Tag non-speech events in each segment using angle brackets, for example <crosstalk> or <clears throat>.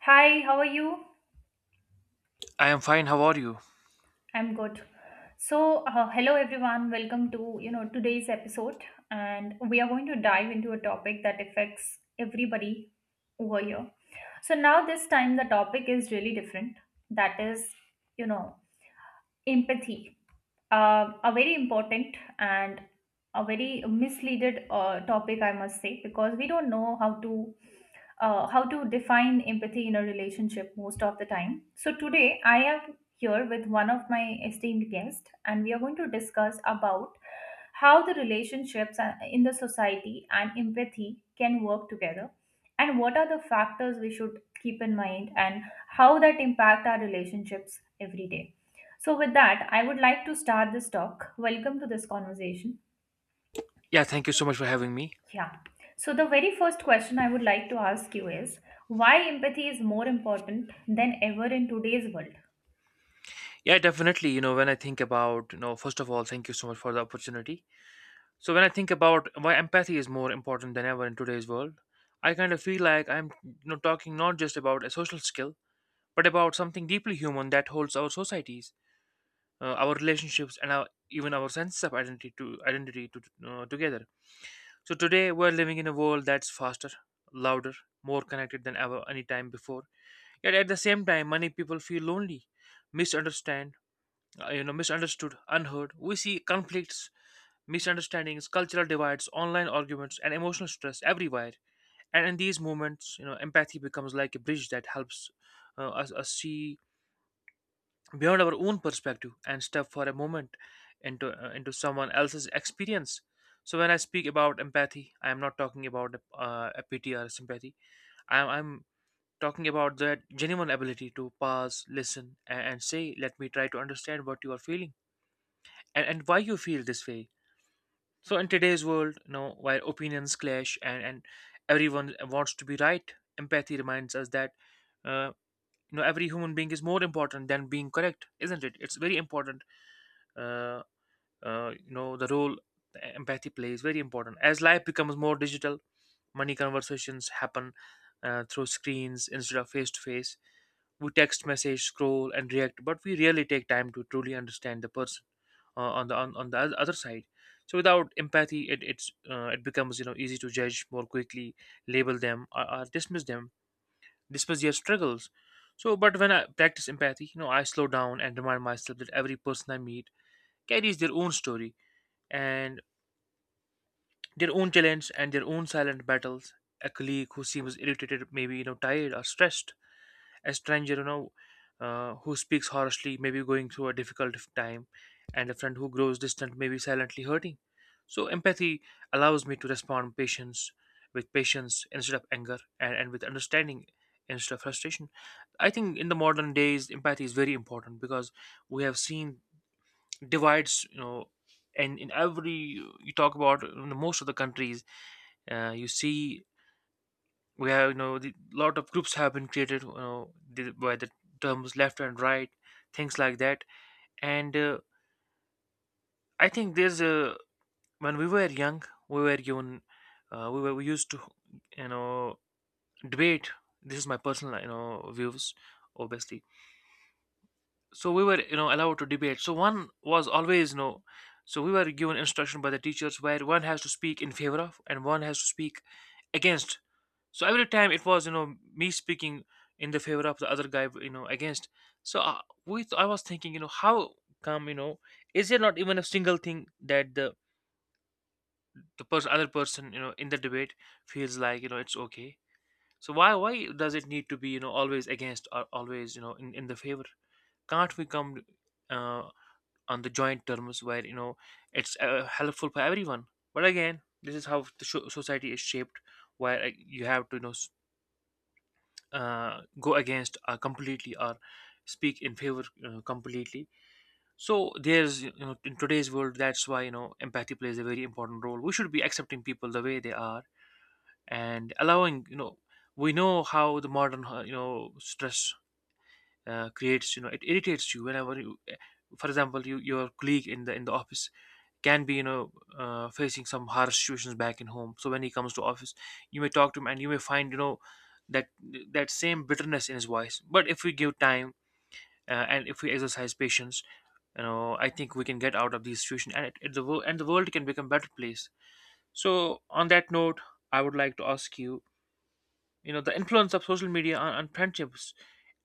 Hi, how are you? I am fine. How are you? I'm good. Hello everyone. Welcome to, today's episode, and we are going to dive into a topic that affects everybody over here. So, now this time the topic is really different. That is, you know, empathy. A very important and a very misleaded topic, I must say, because we don't know how to define empathy in a relationship most of the time. So today I am here with one of my esteemed guests, and we are going to discuss about how the relationships in the society and empathy can work together, and what are the factors we should keep in mind, and how that impact our relationships every day. So with that, I would like to start this talk. Welcome to this conversation. Yeah, thank you so much for having me. Yeah. So the very first question I would like to ask you is why empathy is more important than ever in today's world? Yeah, definitely. When I think about, first of all, thank you so much for the opportunity. So, when I think about why empathy is more important than ever in today's world, I kind of feel like I'm talking not just about a social skill, but about something deeply human that holds our societies, our relationships, and our, even our sense of identity to identity to together. So today we're living in a world that's faster, louder, more connected than ever any time before. Yet at the same time, many people feel lonely, misunderstand, misunderstood, unheard. We see conflicts, misunderstandings, cultural divides, online arguments, and emotional stress everywhere. And in these moments, empathy becomes like a bridge that helps us see beyond our own perspective and step for a moment into someone else's experience. So when I speak about empathy, I am not talking about a pity or sympathy. I'm talking about that genuine ability to pause, listen, and say, let me try to understand what you are feeling and why you feel this way. So in today's world, while opinions clash and everyone wants to be right, empathy reminds us that, uh, every human being is more important than being correct, isn't it? It's very important. Uh, the role empathy plays, very important. As life becomes more digital, money conversations happen through screens instead of face to face. We text, message, scroll, and react, but we rarely take time to truly understand the person on the other side. So without empathy, it becomes, easy to judge more quickly, label them, or dismiss them, dismiss their struggles. So, but when I practice empathy, I slow down and remind myself that every person I meet carries their own story, and their own challenge, and their own silent battles. A colleague who seems irritated maybe, tired or stressed. A stranger, who speaks harshly, may be going through a difficult time. And a friend who grows distant may be silently hurting. So empathy allows me to respond patience with patience instead of anger, and with understanding instead of frustration. I think in the modern days empathy is very important, because we have seen divides, and in every, you talk about, in most of the countries, you see, we have, you know the lot of groups have been created, by the terms left and right, things like that. And I think there's a when we were young, we were given we were we used to, you know debate. This is my personal, views, obviously. So we were, allowed to debate, so one was always, so we were given instruction by the teachers where one has to speak in favor of, and one has to speak against. So every time it was, me speaking in the favor of the other guy, against. So, I was thinking, how come, is there not even a single thing that the person, other person, in the debate feels like, it's okay. So why does it need to be, always against, or always, in the favor? Can't we come, uh, on the joint terms where, it's helpful for everyone? But again, this is how the society is shaped, where, you have to, go against, completely, or speak in favor, completely. So there's, in today's world, that's why, empathy plays a very important role. We should be accepting people the way they are, and allowing, we know how the modern, stress, creates, it irritates you whenever you, for example, your colleague in the office can be, facing some harsh situations back in home. So when he comes to office, you may talk to him, and you may find, that that same bitterness in his voice. But if we give time, and if we exercise patience, I think we can get out of this situation, and the world can become better place. So on that note, I would like to ask you, you know the influence of social media on friendships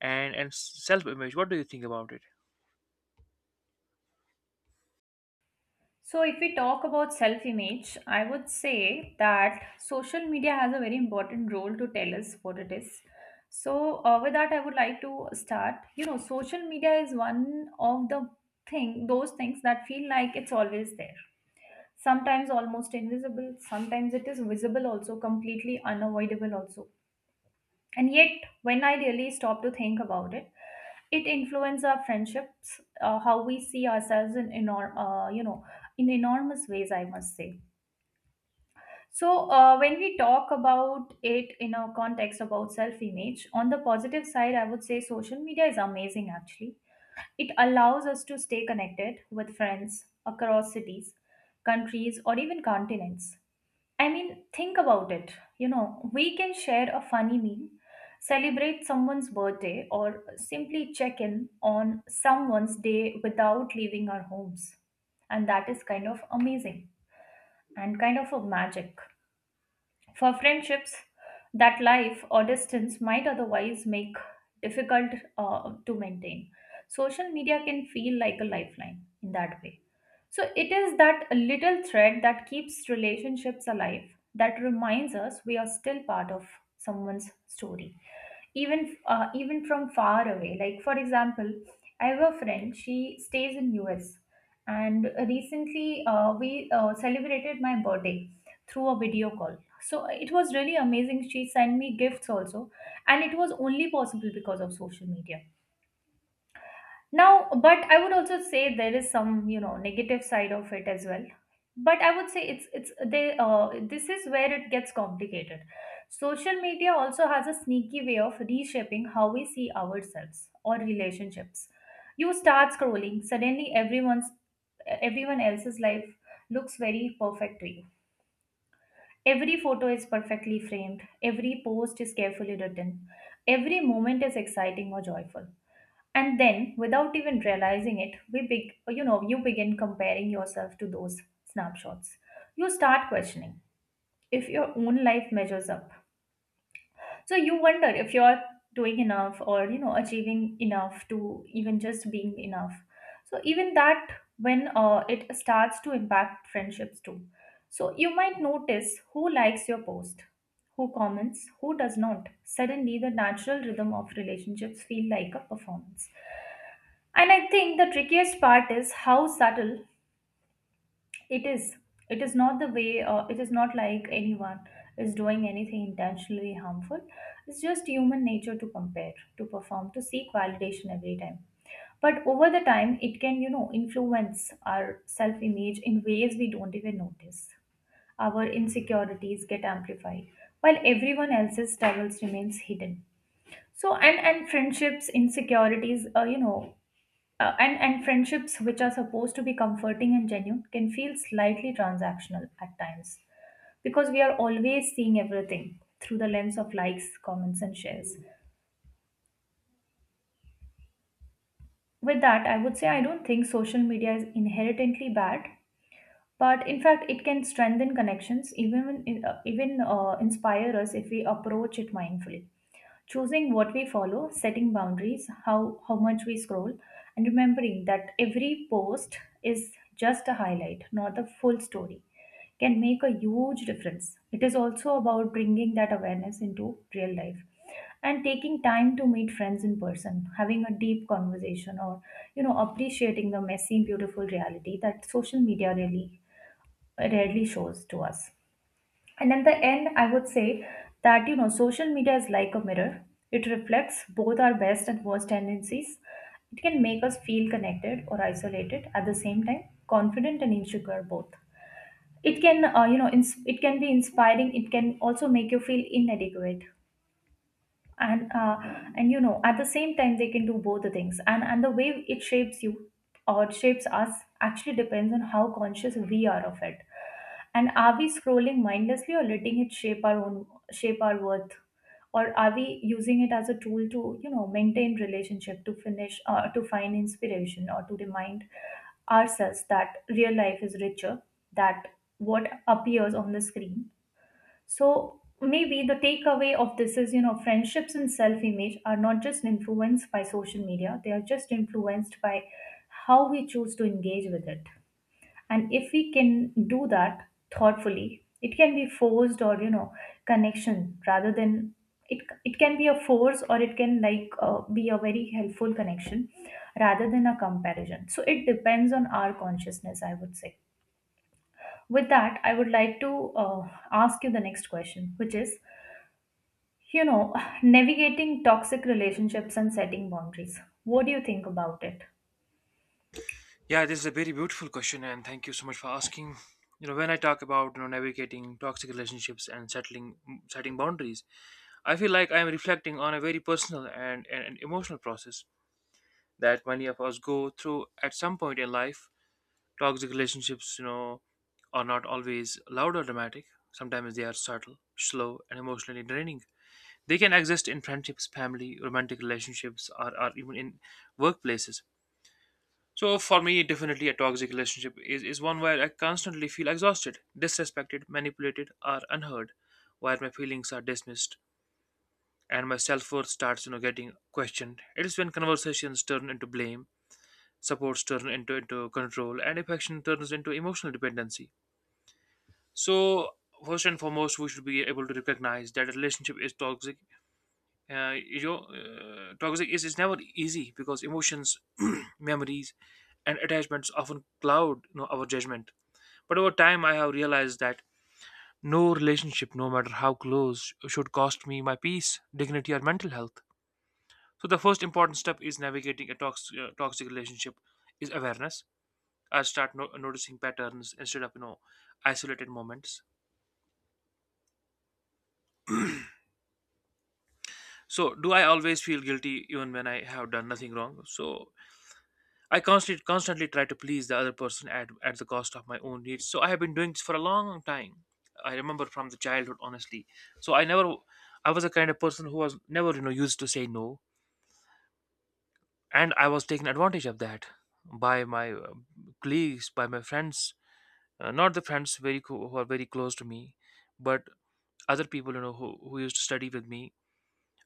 and self image. What do you think about it? So if we talk about self-image, I would say that social media has a very important role to tell us what it is. So, with that, I would like to start. You know, social media is one of the those things that feel like it's always there. Sometimes almost invisible, sometimes it is visible also, completely unavoidable also. And yet, when I really stop to think about it, it influences our friendships, how we see ourselves in you know, in enormous ways, I must say. So when we talk about it in a context about self-image, on the positive side, I would say social media is amazing. Actually, it allows us to stay connected with friends across cities, countries, or even continents. I mean, think about it. You know, we can share a funny meme, celebrate someone's birthday, or simply check in on someone's day without leaving our homes. And that is kind of amazing and kind of a magic. For friendships that life or distance might otherwise make difficult to maintain, social media can feel like a lifeline in that way. So it is that little thread that keeps relationships alive, that reminds us we are still part of someone's story, even from far away. Like, for example, I have a friend, she stays in US, and recently we celebrated my birthday through a video call. So it was really amazing, she sent me gifts also, and it was only possible because of social media. Now, but I would also say there is some, you know, negative side of it as well. But I would say it's they this is where it gets complicated. Social media also has a sneaky way of reshaping how we see ourselves or relationships. You start scrolling, suddenly everyone else's life looks very perfect to you. Every photo is perfectly framed, every post is carefully written, every moment is exciting or joyful, and then without even realizing it, we big you know, you begin comparing yourself to those snapshots. You start questioning if your own life measures up. So you wonder if you're doing enough, or, you know, achieving enough, to even just being enough. So even that, when it starts to impact friendships too. So you might notice who likes your post, who comments, who does not. Suddenly the natural rhythm of relationships feel like a performance. And I think the trickiest part is how subtle it is. It is not the way, it is not like anyone is doing anything intentionally harmful. It's just human nature to compare, to perform, to seek validation every time. But over the time, it can, you know, influence our self image in ways we don't even notice. Our insecurities get amplified, while everyone else's struggles remains hidden. So and friendships insecurities you know, and friendships, which are supposed to be comforting and genuine, can feel slightly transactional at times, because we are always seeing everything through the lens of likes, comments, and shares. With that, I would say I don't think social media is inherently bad. But in fact, it can strengthen connections, even inspire us, if we approach it mindfully. Choosing what we follow, setting boundaries, how much we scroll, and remembering that every post is just a highlight, not the full story, can make a huge difference. It is also about bringing that awareness into real life and taking time to meet friends in person, having a deep conversation, or, you know, appreciating the messy, beautiful reality that social media really rarely shows to us. And at the end, I would say that, you know, social media is like a mirror. It reflects both our best and worst tendencies. It can make us feel connected or isolated at the same time, confident and insecure both. It can, it can be inspiring. It can also make you feel inadequate, and uh, and, you know, at the same time, they can do both the things. And the way it shapes you or shapes us actually depends on how conscious we are of it. And are we scrolling mindlessly or letting it shape our worth, or are we using it as a tool to, you know, maintain relationship, to finish to find inspiration, or to remind ourselves that real life is richer that what appears on the screen. So maybe the takeaway of this is, you know, friendships and self image are not just influenced by social media, they are just influenced by how we choose to engage with it. And if we can do that thoughtfully, it can be forced or, you know, connection rather than. It can be a force, or it can like be a very helpful connection rather than a comparison. So it depends on our consciousness, I would say. With that, I would like to ask you the next question, which is, you know, <sighs> navigating toxic relationships and setting boundaries. What do you think about it? Yeah, this is a very beautiful question, and thank you so much for asking. When I talk about, navigating toxic relationships and settling setting boundaries, I feel like I'm reflecting on a very personal and emotional process that many of us go through at some point in life. Toxic relationships, are not always loud or dramatic. Sometimes they are subtle, slow, and emotionally draining. They can exist in friendships, family, romantic relationships, or even in workplaces. So for me, definitely, a toxic relationship is one where I constantly feel exhausted, disrespected, manipulated, or unheard, where my feelings are dismissed and my self-worth starts, getting questioned. It is when conversations turn into blame, supports turn into control, and affection turns into emotional dependency. So first and foremost, we should be able to recognize that a relationship is toxic. Toxic is never easy, because emotions, <clears throat> memories, and attachments often cloud, our judgment. But over time, I have realized that no relationship, no matter how close, should cost me my peace, dignity, or mental health. So the first important step is navigating a toxic relationship is awareness. I start noticing patterns instead of, isolated moments. So, do I always feel guilty even when I have done nothing wrong? So I constantly try to please the other person at the cost of my own needs. So I have been doing this for a long time. I remember from the childhood, honestly. So I never, I was a kind of person who was never, used to say no, and I was taken advantage of that by my, colleagues, by my friends, not the friends who are very close to me, but other people, who used to study with me.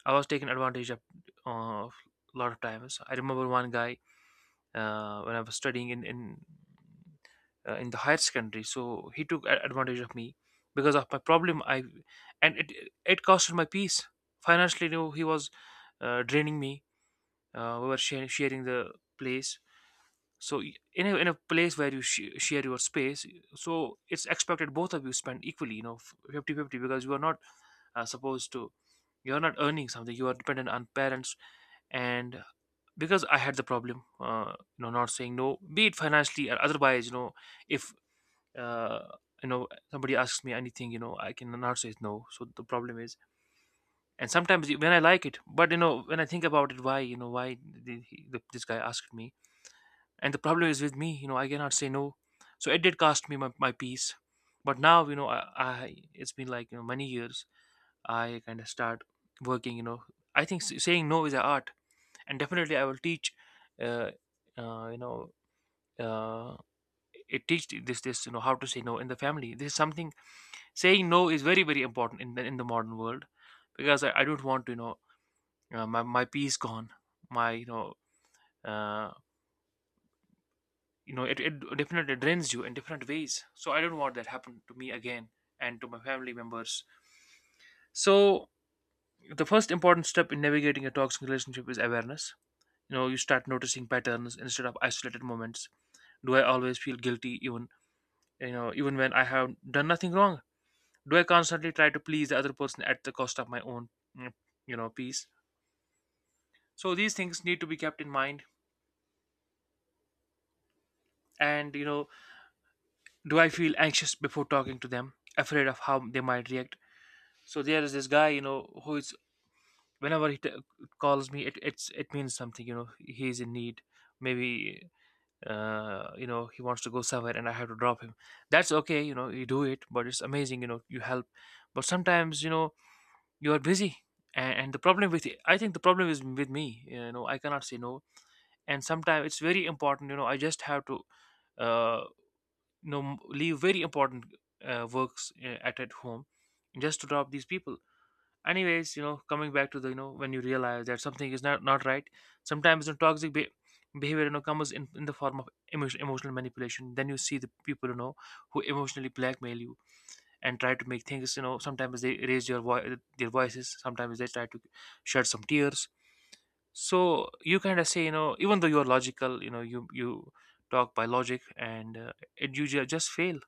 I was taken advantage of a lot of times. I remember one guy, when I was studying in the higher secondary. So he took advantage of me because of my problem. I and It costed my peace financially. He was, draining me. We were sharing the place. So in a, place where you share your space, so it's expected both of you spend equally, 50-50, because you are not, supposed to, you are not earning something. You are dependent on parents, and because I had the problem, not saying no, be it financially or otherwise, if, uh, somebody asks me anything, I cannot say no. So the problem is, and sometimes when I like it, but, when I think about it, why this guy asked me, and the problem is with me, I cannot say no. So it did cost me my peace, but now, I it's been like, many years. I kind of start working. I think saying no is an art, and definitely I will teach uh, uh, you know uh, it teach this, you know, how to say no in the family. This is something. Saying no is very important in the modern world, because I don't want to, my, my peace gone, my uh, you know, it definitely drains you in different ways, so I don't want that happen to me again, and to my family members. So the first important step in navigating a toxic relationship is awareness. You know, you start noticing patterns instead of isolated moments. Do I always feel guilty even, you know, even when I have done nothing wrong? Do I constantly try to please the other person at the cost of my own, mm, you know, peace? So these things need to be kept in mind. And, you know, do I feel anxious before talking to them, afraid of how they might react? So there is this guy, you know, who is, whenever calls me, it it means something, you know, he is in need. Maybe, uh, you know, he wants to go somewhere and I have to drop him. That's okay, you know, you do it, but it's amazing, you know, you help. But sometimes, you know, you are busy, and the problem with, I think the problem is with me, you know, I cannot say no. And sometimes it's very important, you know, I just have to, uh leave very important, works, at home, just to drop these people. Anyways, you know, coming back to the you know when you realize that something is not right. Sometimes, you know, toxic behavior, you know, comes in the form of emotional manipulation. Then you see the people, you know, who emotionally blackmail you and try to make things, you know. Sometimes they raise your their voices, sometimes they try to shed some tears, so you kind of say, you know, even though you're logical, you know, you talk by logic, and it, just fail,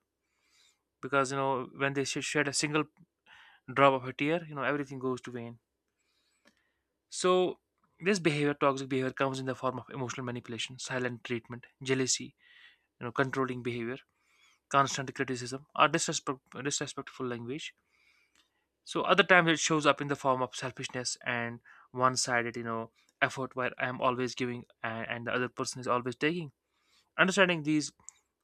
because, you know, when they shed a single drop of a tear, you know, everything goes to vain. So this behavior, toxic behavior, comes in the form of emotional manipulation, silent treatment, jealousy, you know, controlling behavior, constant criticism or disrespectful language. So other times it shows up in the form of selfishness and one-sided, you know, effort where I am always giving, and the other person is always taking. Understanding these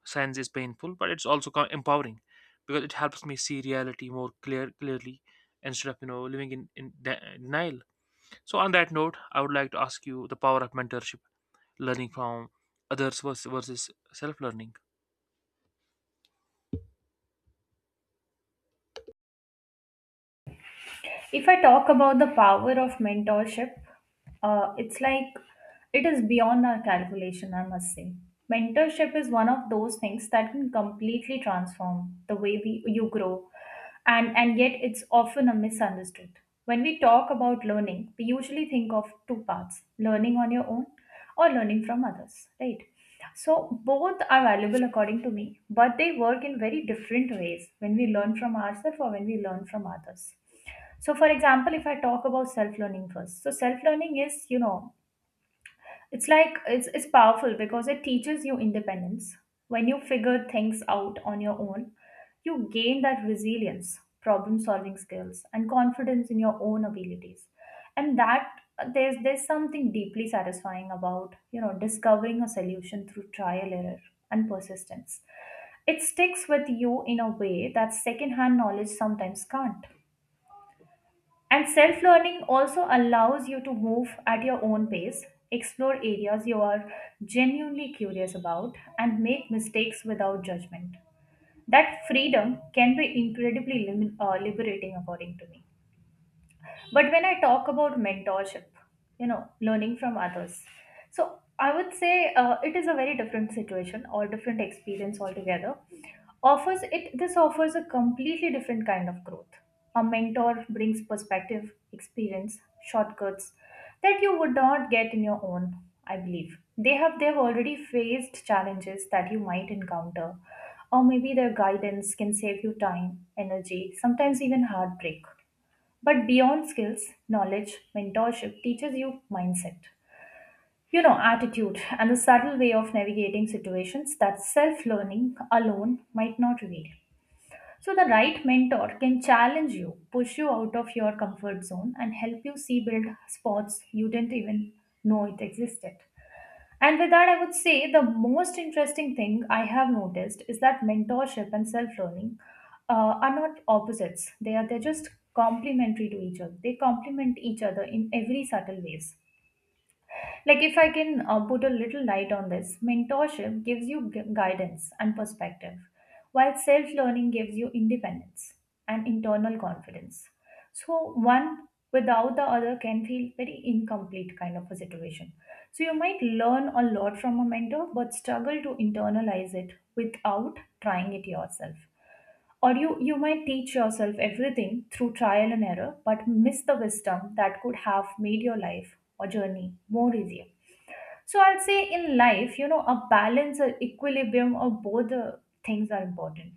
signs is painful, but it's also empowering, because it helps me see reality more clearly instead of, you know, living in denial. So on that note, I would like to ask you the power of mentorship, learning from others versus self-learning. If I talk about the power of mentorship, it's like it is beyond our calculation, I must say. Mentorship is one of those things that can completely transform the way you grow, and yet it's often a misunderstood. When we talk about learning, we usually think of two paths: learning on your own or learning from others, right? So both are valuable according to me, but they work in very different ways when we learn from ourselves or when we learn from others. So, for example, if I talk about self learning first, so self learning is, you know, it's like it's powerful because it teaches you independence. When you figure things out on your own, you gain that resilience, problem solving skills, and confidence in your own abilities. And that, there's something deeply satisfying about, you know, discovering a solution through trial, error, and persistence. It sticks with you in a way that secondhand knowledge sometimes can't. And self learning also allows you to move at your own pace, explore areas you are genuinely curious about, and make mistakes without judgment. That freedom can be incredibly liberating, according to me. But when I talk about mentorship, you know, learning from others, so I would say it is a very different situation or different experience altogether. Offers it this offers a completely different kind of growth. A mentor brings perspective, experience, shortcuts that you would not get in your own. I believe they've already faced challenges that you might encounter, or maybe their guidance can save you time, energy, sometimes even heartbreak. But beyond skills, knowledge, mentorship teaches you mindset, you know, attitude, and the subtle way of navigating situations that self learning alone might not reveal. So the right mentor can challenge you, push you out of your comfort zone, and help you see build spots you didn't even know it existed. And with that, I would say the most interesting thing I have noticed is that mentorship and self learning are not opposites. They're just complementary to each other. They complement each other in every subtle ways. Like, if I can put a little light on this, mentorship gives you guidance and perspective, while self learning gives you independence and internal confidence. So, one without the other can feel very incomplete kind of a situation. So you might learn a lot from a mentor, but struggle to internalize it without trying it yourself. Or you might teach yourself everything through trial and error, but miss the wisdom that could have made your life or journey more easier. So I'll say in life, you know, a balance or equilibrium of both the things are important.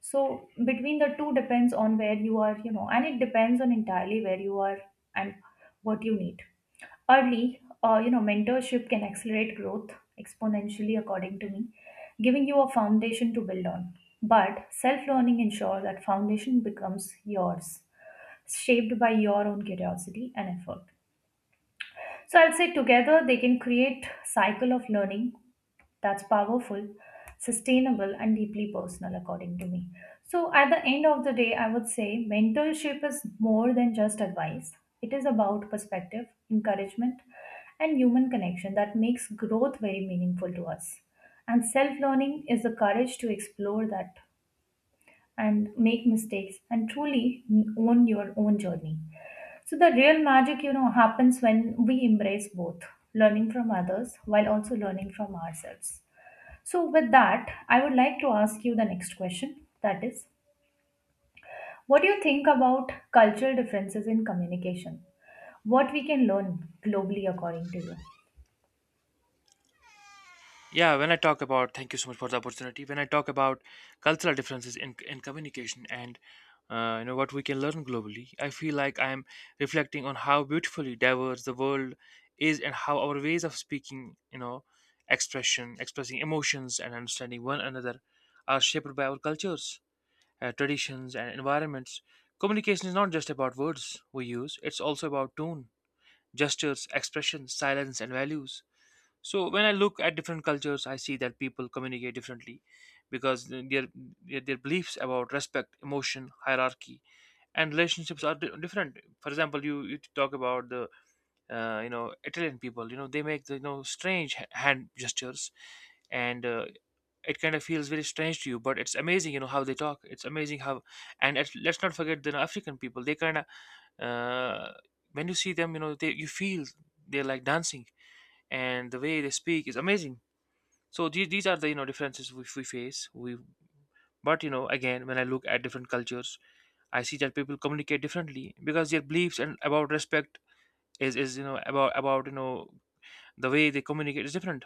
So between the two depends on where you are, you know, and it depends on entirely where you are and what you need. Early, mentorship can accelerate growth exponentially, according to me, giving you a foundation to build on. But self learning ensures that foundation becomes yours, shaped by your own curiosity and effort. So I'll say together they can create cycle of learning that's powerful sustainable and deeply personal, according to me. So at the end of the day, I would say mentorship is more than just advice. It is about perspective, encouragement, and human connection that makes growth very meaningful to us. And self learning is the courage to explore that and make mistakes and truly own your own journey. So the real magic, you know, happens when we embrace both, learning from others while also learning from ourselves. So, with that, I would like to ask you the next question. That is, what do you think about cultural differences in communication? What we can learn globally, according to you? Yeah, when I talk about, thank you so much for the opportunity. When I talk about cultural differences in communication and, you know, what we can learn globally, I feel like I am reflecting on how beautifully diverse the world is, and how our ways of speaking, you know, expressing emotions, and understanding one another are shaped by our cultures, traditions, and environments. Communication is not just about words we use; it's also about tone, gestures, expressions, silence, and values. So when I look at different cultures, I see that people communicate differently because their their beliefs about respect, emotion, hierarchy, and relationships are different. For example, you talk about the, you know, Italian people. You know, they make the, you know, strange hand gestures, and, it kind of feels very strange to you. But it's amazing, you know, how they talk. It's amazing how, and it's, let's not forget the African people. They kind of, uh, when you see them, you know, they you feel they're like dancing, and the way they speak is amazing. So these are the, you know, differences which we face we. But you know, again, when I look at different cultures, I see that people communicate differently because their beliefs and about respect is, is about, you know, the way they communicate is different.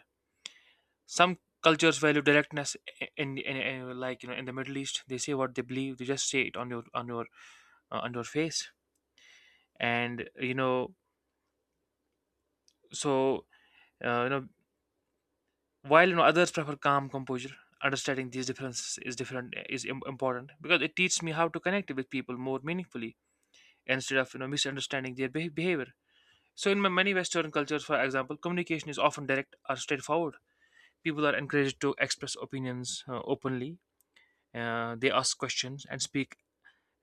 Some cultures value directness. In, like, you know, in the Middle East, they say what they believe, they just say it on your, on your, on your face. And you know, so, you know, while you know others prefer calm composure. Understanding these differences is different, is important, because it teaches me how to connect with people more meaningfully instead of, you know, misunderstanding their behavior. So in many Western cultures, for example, communication is often direct or straightforward. People are encouraged to express opinions, openly. They ask questions and speak,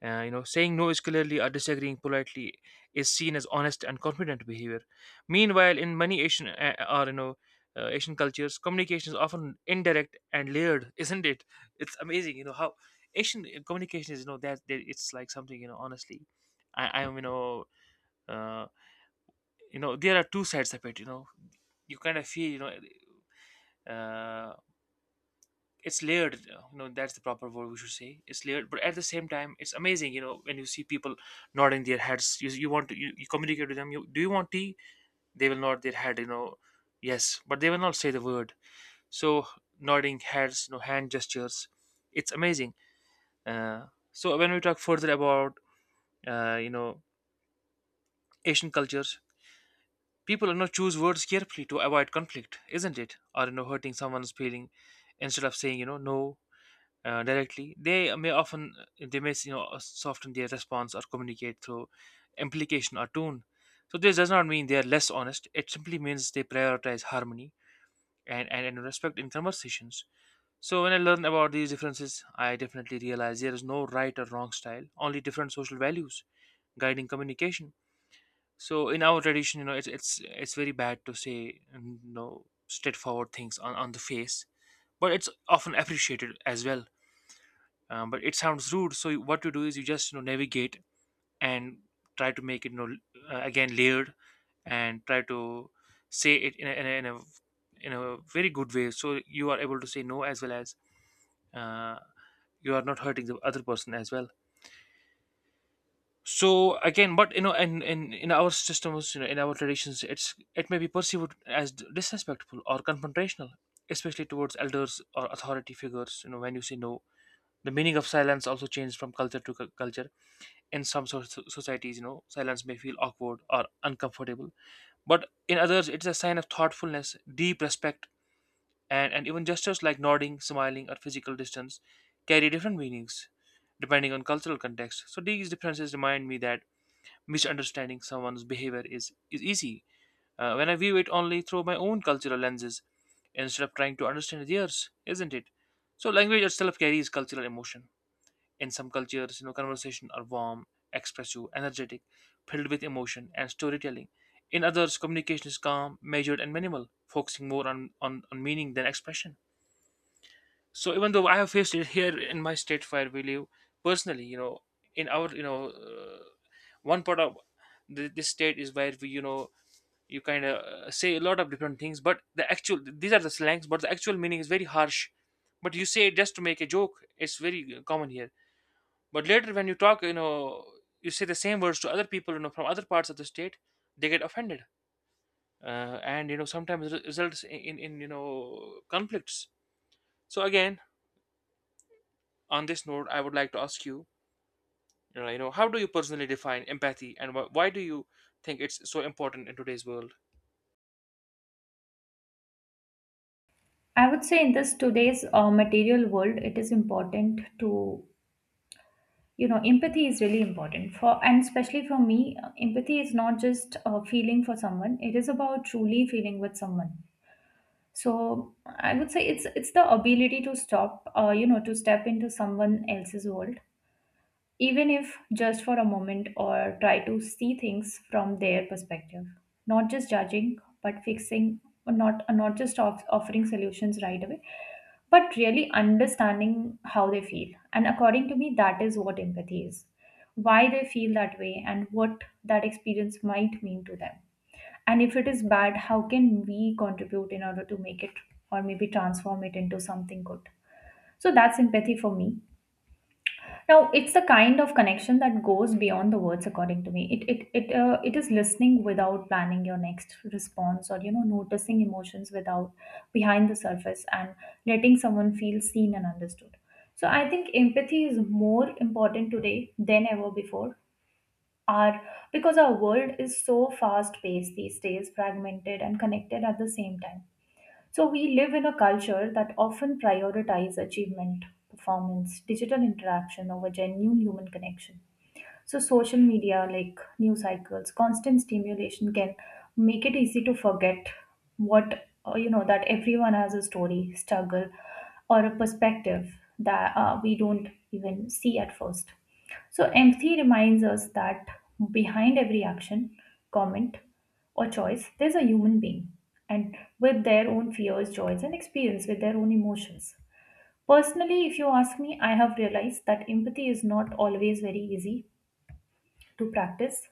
you know, saying no is clearly or disagreeing politely is seen as honest and confident behavior. Meanwhile, in many Asian, or, you know, Asian cultures, communication is often indirect and layered, <laughs> isn't it? It's amazing, you know, how Asian, communication is. You know that, that it's like something, you know. Honestly, I am, you know, uh, you know, there are two sides of it. You know, you kind of feel, you know. Uh, it's layered, you know, that's the proper word we should say, it's layered, but at the same time it's amazing, you know, when you see people nodding their heads, you want to, you communicate with them, you do, you want tea, they will nod their head, you know, yes, but they will not say the word. So nodding heads, you know, hand gestures, it's amazing. Uh, so when we talk further about, you know, Asian cultures, people, you know, choose words carefully to avoid conflict, isn't it, or, you know, hurting someone's feeling. Instead of saying, you know, no, directly, they may often, they may, you know, soften their response or communicate through implication or tone. So this does not mean they are less honest. It simply means they prioritize harmony, and respect in conversations. So when I learn about these differences, I definitely realize there is no right or wrong style, only different social values guiding communication. So in our tradition, you know, it's very bad to say, you know, straightforward things on the face, but it's often appreciated as well. Um, but it sounds rude, so you- what you do is you just, you know, navigate and try to make it, you know, again layered, and try to say it in a, in a, in a, in a very good way, so you are able to say no as well as, uh, you are not hurting the other person as well. So again, but you know, in our systems, you know, in our traditions, it's, it may be perceived as disrespectful or confrontational, especially towards elders or authority figures, you know, when you say no. The meaning of silence also changes from culture to culture. In some societies, you know, silence may feel awkward or uncomfortable, but in others it's a sign of thoughtfulness, deep respect, and even gestures like nodding, smiling, or physical distance carry different meanings depending on cultural context. So these differences remind me that misunderstanding someone's behavior is easy, when I view it only through my own cultural lenses instead of trying to understand theirs, isn't it. So language itself carries cultural emotion. In some cultures, you know, conversation are warm, expressive, energetic, filled with emotion and storytelling. In others, communication is calm, measured, and minimal, focusing more on, on meaning than expression. So even though I have faced it here in my state where we live, personally, you know, in our, you know, one part of the, this state is where we, you know, you kind of, say a lot of different things, but the actual, these are the slangs, but the actual meaning is very harsh, but you say it just to make a joke. It's very common here. But later, when you talk, you know, you say the same words to other people, you know, from other parts of the state, they get offended, and you know, sometimes it results in, you know, conflicts. So again, on this note, I would like to ask you, you know, how do you personally define empathy, and why do you think it's so important in today's world? I would say in this today's material world, it is important to, you know, empathy is really important for, and especially for me, empathy is not just a feeling for someone. It is about truly feeling with someone. So I would say it's the ability to stop, to step into someone else's world, even if just for a moment, or try to see things from their perspective. Not just judging, but fixing, or not just offering solutions right away, but really understanding how they feel. And according to me, that is what empathy is, why they feel that way and what that experience might mean to them. And if it is bad, how can we contribute in order to make it, or maybe transform it into something good? So that's empathy for me. Now, it's the kind of connection that goes beyond the words, according to me. It is listening without planning your next response, or, you know, noticing emotions without behind the surface, and letting someone feel seen and understood. So, I think empathy is more important today than ever before. Our Because our world is so fast paced these days, fragmented and connected at the same time. So we live in a culture that often prioritizes achievement, performance, digital interaction over genuine human connection. So social media, like news cycles, constant stimulation can make it easy to forget what that everyone has a story, struggle, or a perspective that we don't even see at first. So empathy reminds us that behind every action, comment, or choice, there's a human being, and with their own fears, joys, and experience, with their own emotions. Personally, if you ask me, I have realized that empathy is not always very easy to practice.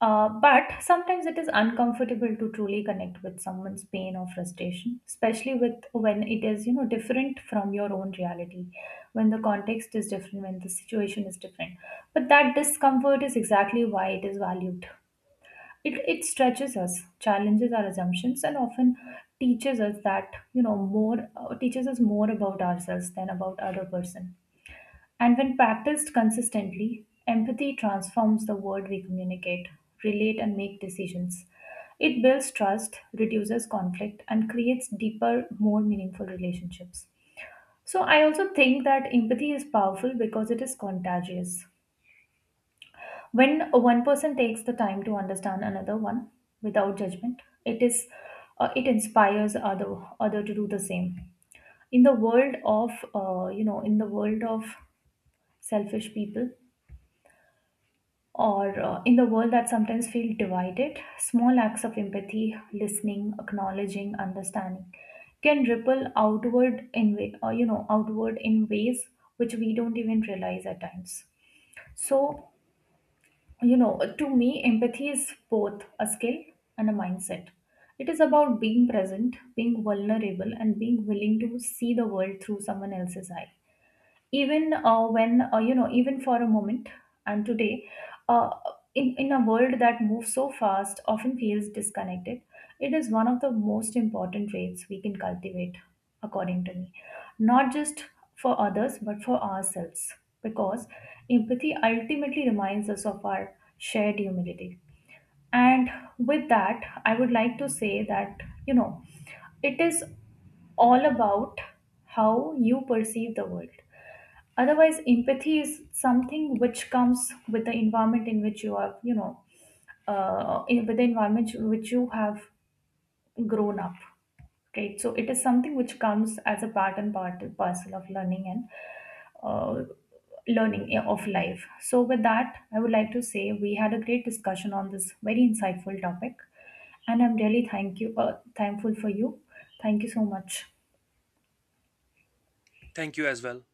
But sometimes it is uncomfortable to truly connect with someone's pain or frustration, especially with when it is, you know, different from your own reality, when the context is different, when the situation is different. But that discomfort is exactly why it is valued. It stretches us, challenges our assumptions, and often teaches us that, you know, more teaches us more about ourselves than about other person. And when practiced consistently, empathy transforms the word we communicate, relate, and make decisions. It builds trust, reduces conflict, and creates deeper, more meaningful relationships. So, I also think that empathy is powerful because it is contagious. When one person takes the time to understand another one without judgment, it is it inspires other to do the same. In the world of in the world of selfish people, or in the world that sometimes feel divided, small acts of empathy, listening, acknowledging, understanding can ripple outward in way you know outward in ways which we don't even realize at times. So, you know, to me empathy is both a skill and a mindset. It is about being present, being vulnerable, and being willing to see the world through someone else's eyes, even when you know even for a moment. And today, uh, in a world that moves so fast, often feels disconnected, it is one of the most important traits we can cultivate, according to me, not just for others but for ourselves, because empathy ultimately reminds us of our shared humility. And with that, I would like to say that, you know, it is all about how you perceive the world. Otherwise empathy is something which comes with the environment in which you are, you know, in, with the environment which you have grown up, right? So it is something which comes as a part and part parcel of learning and uh, learning of life. So with that, I would like to say we had a great discussion on this very insightful topic, and I'm really thank you, thankful for you. Thank you so much. Thank you as well.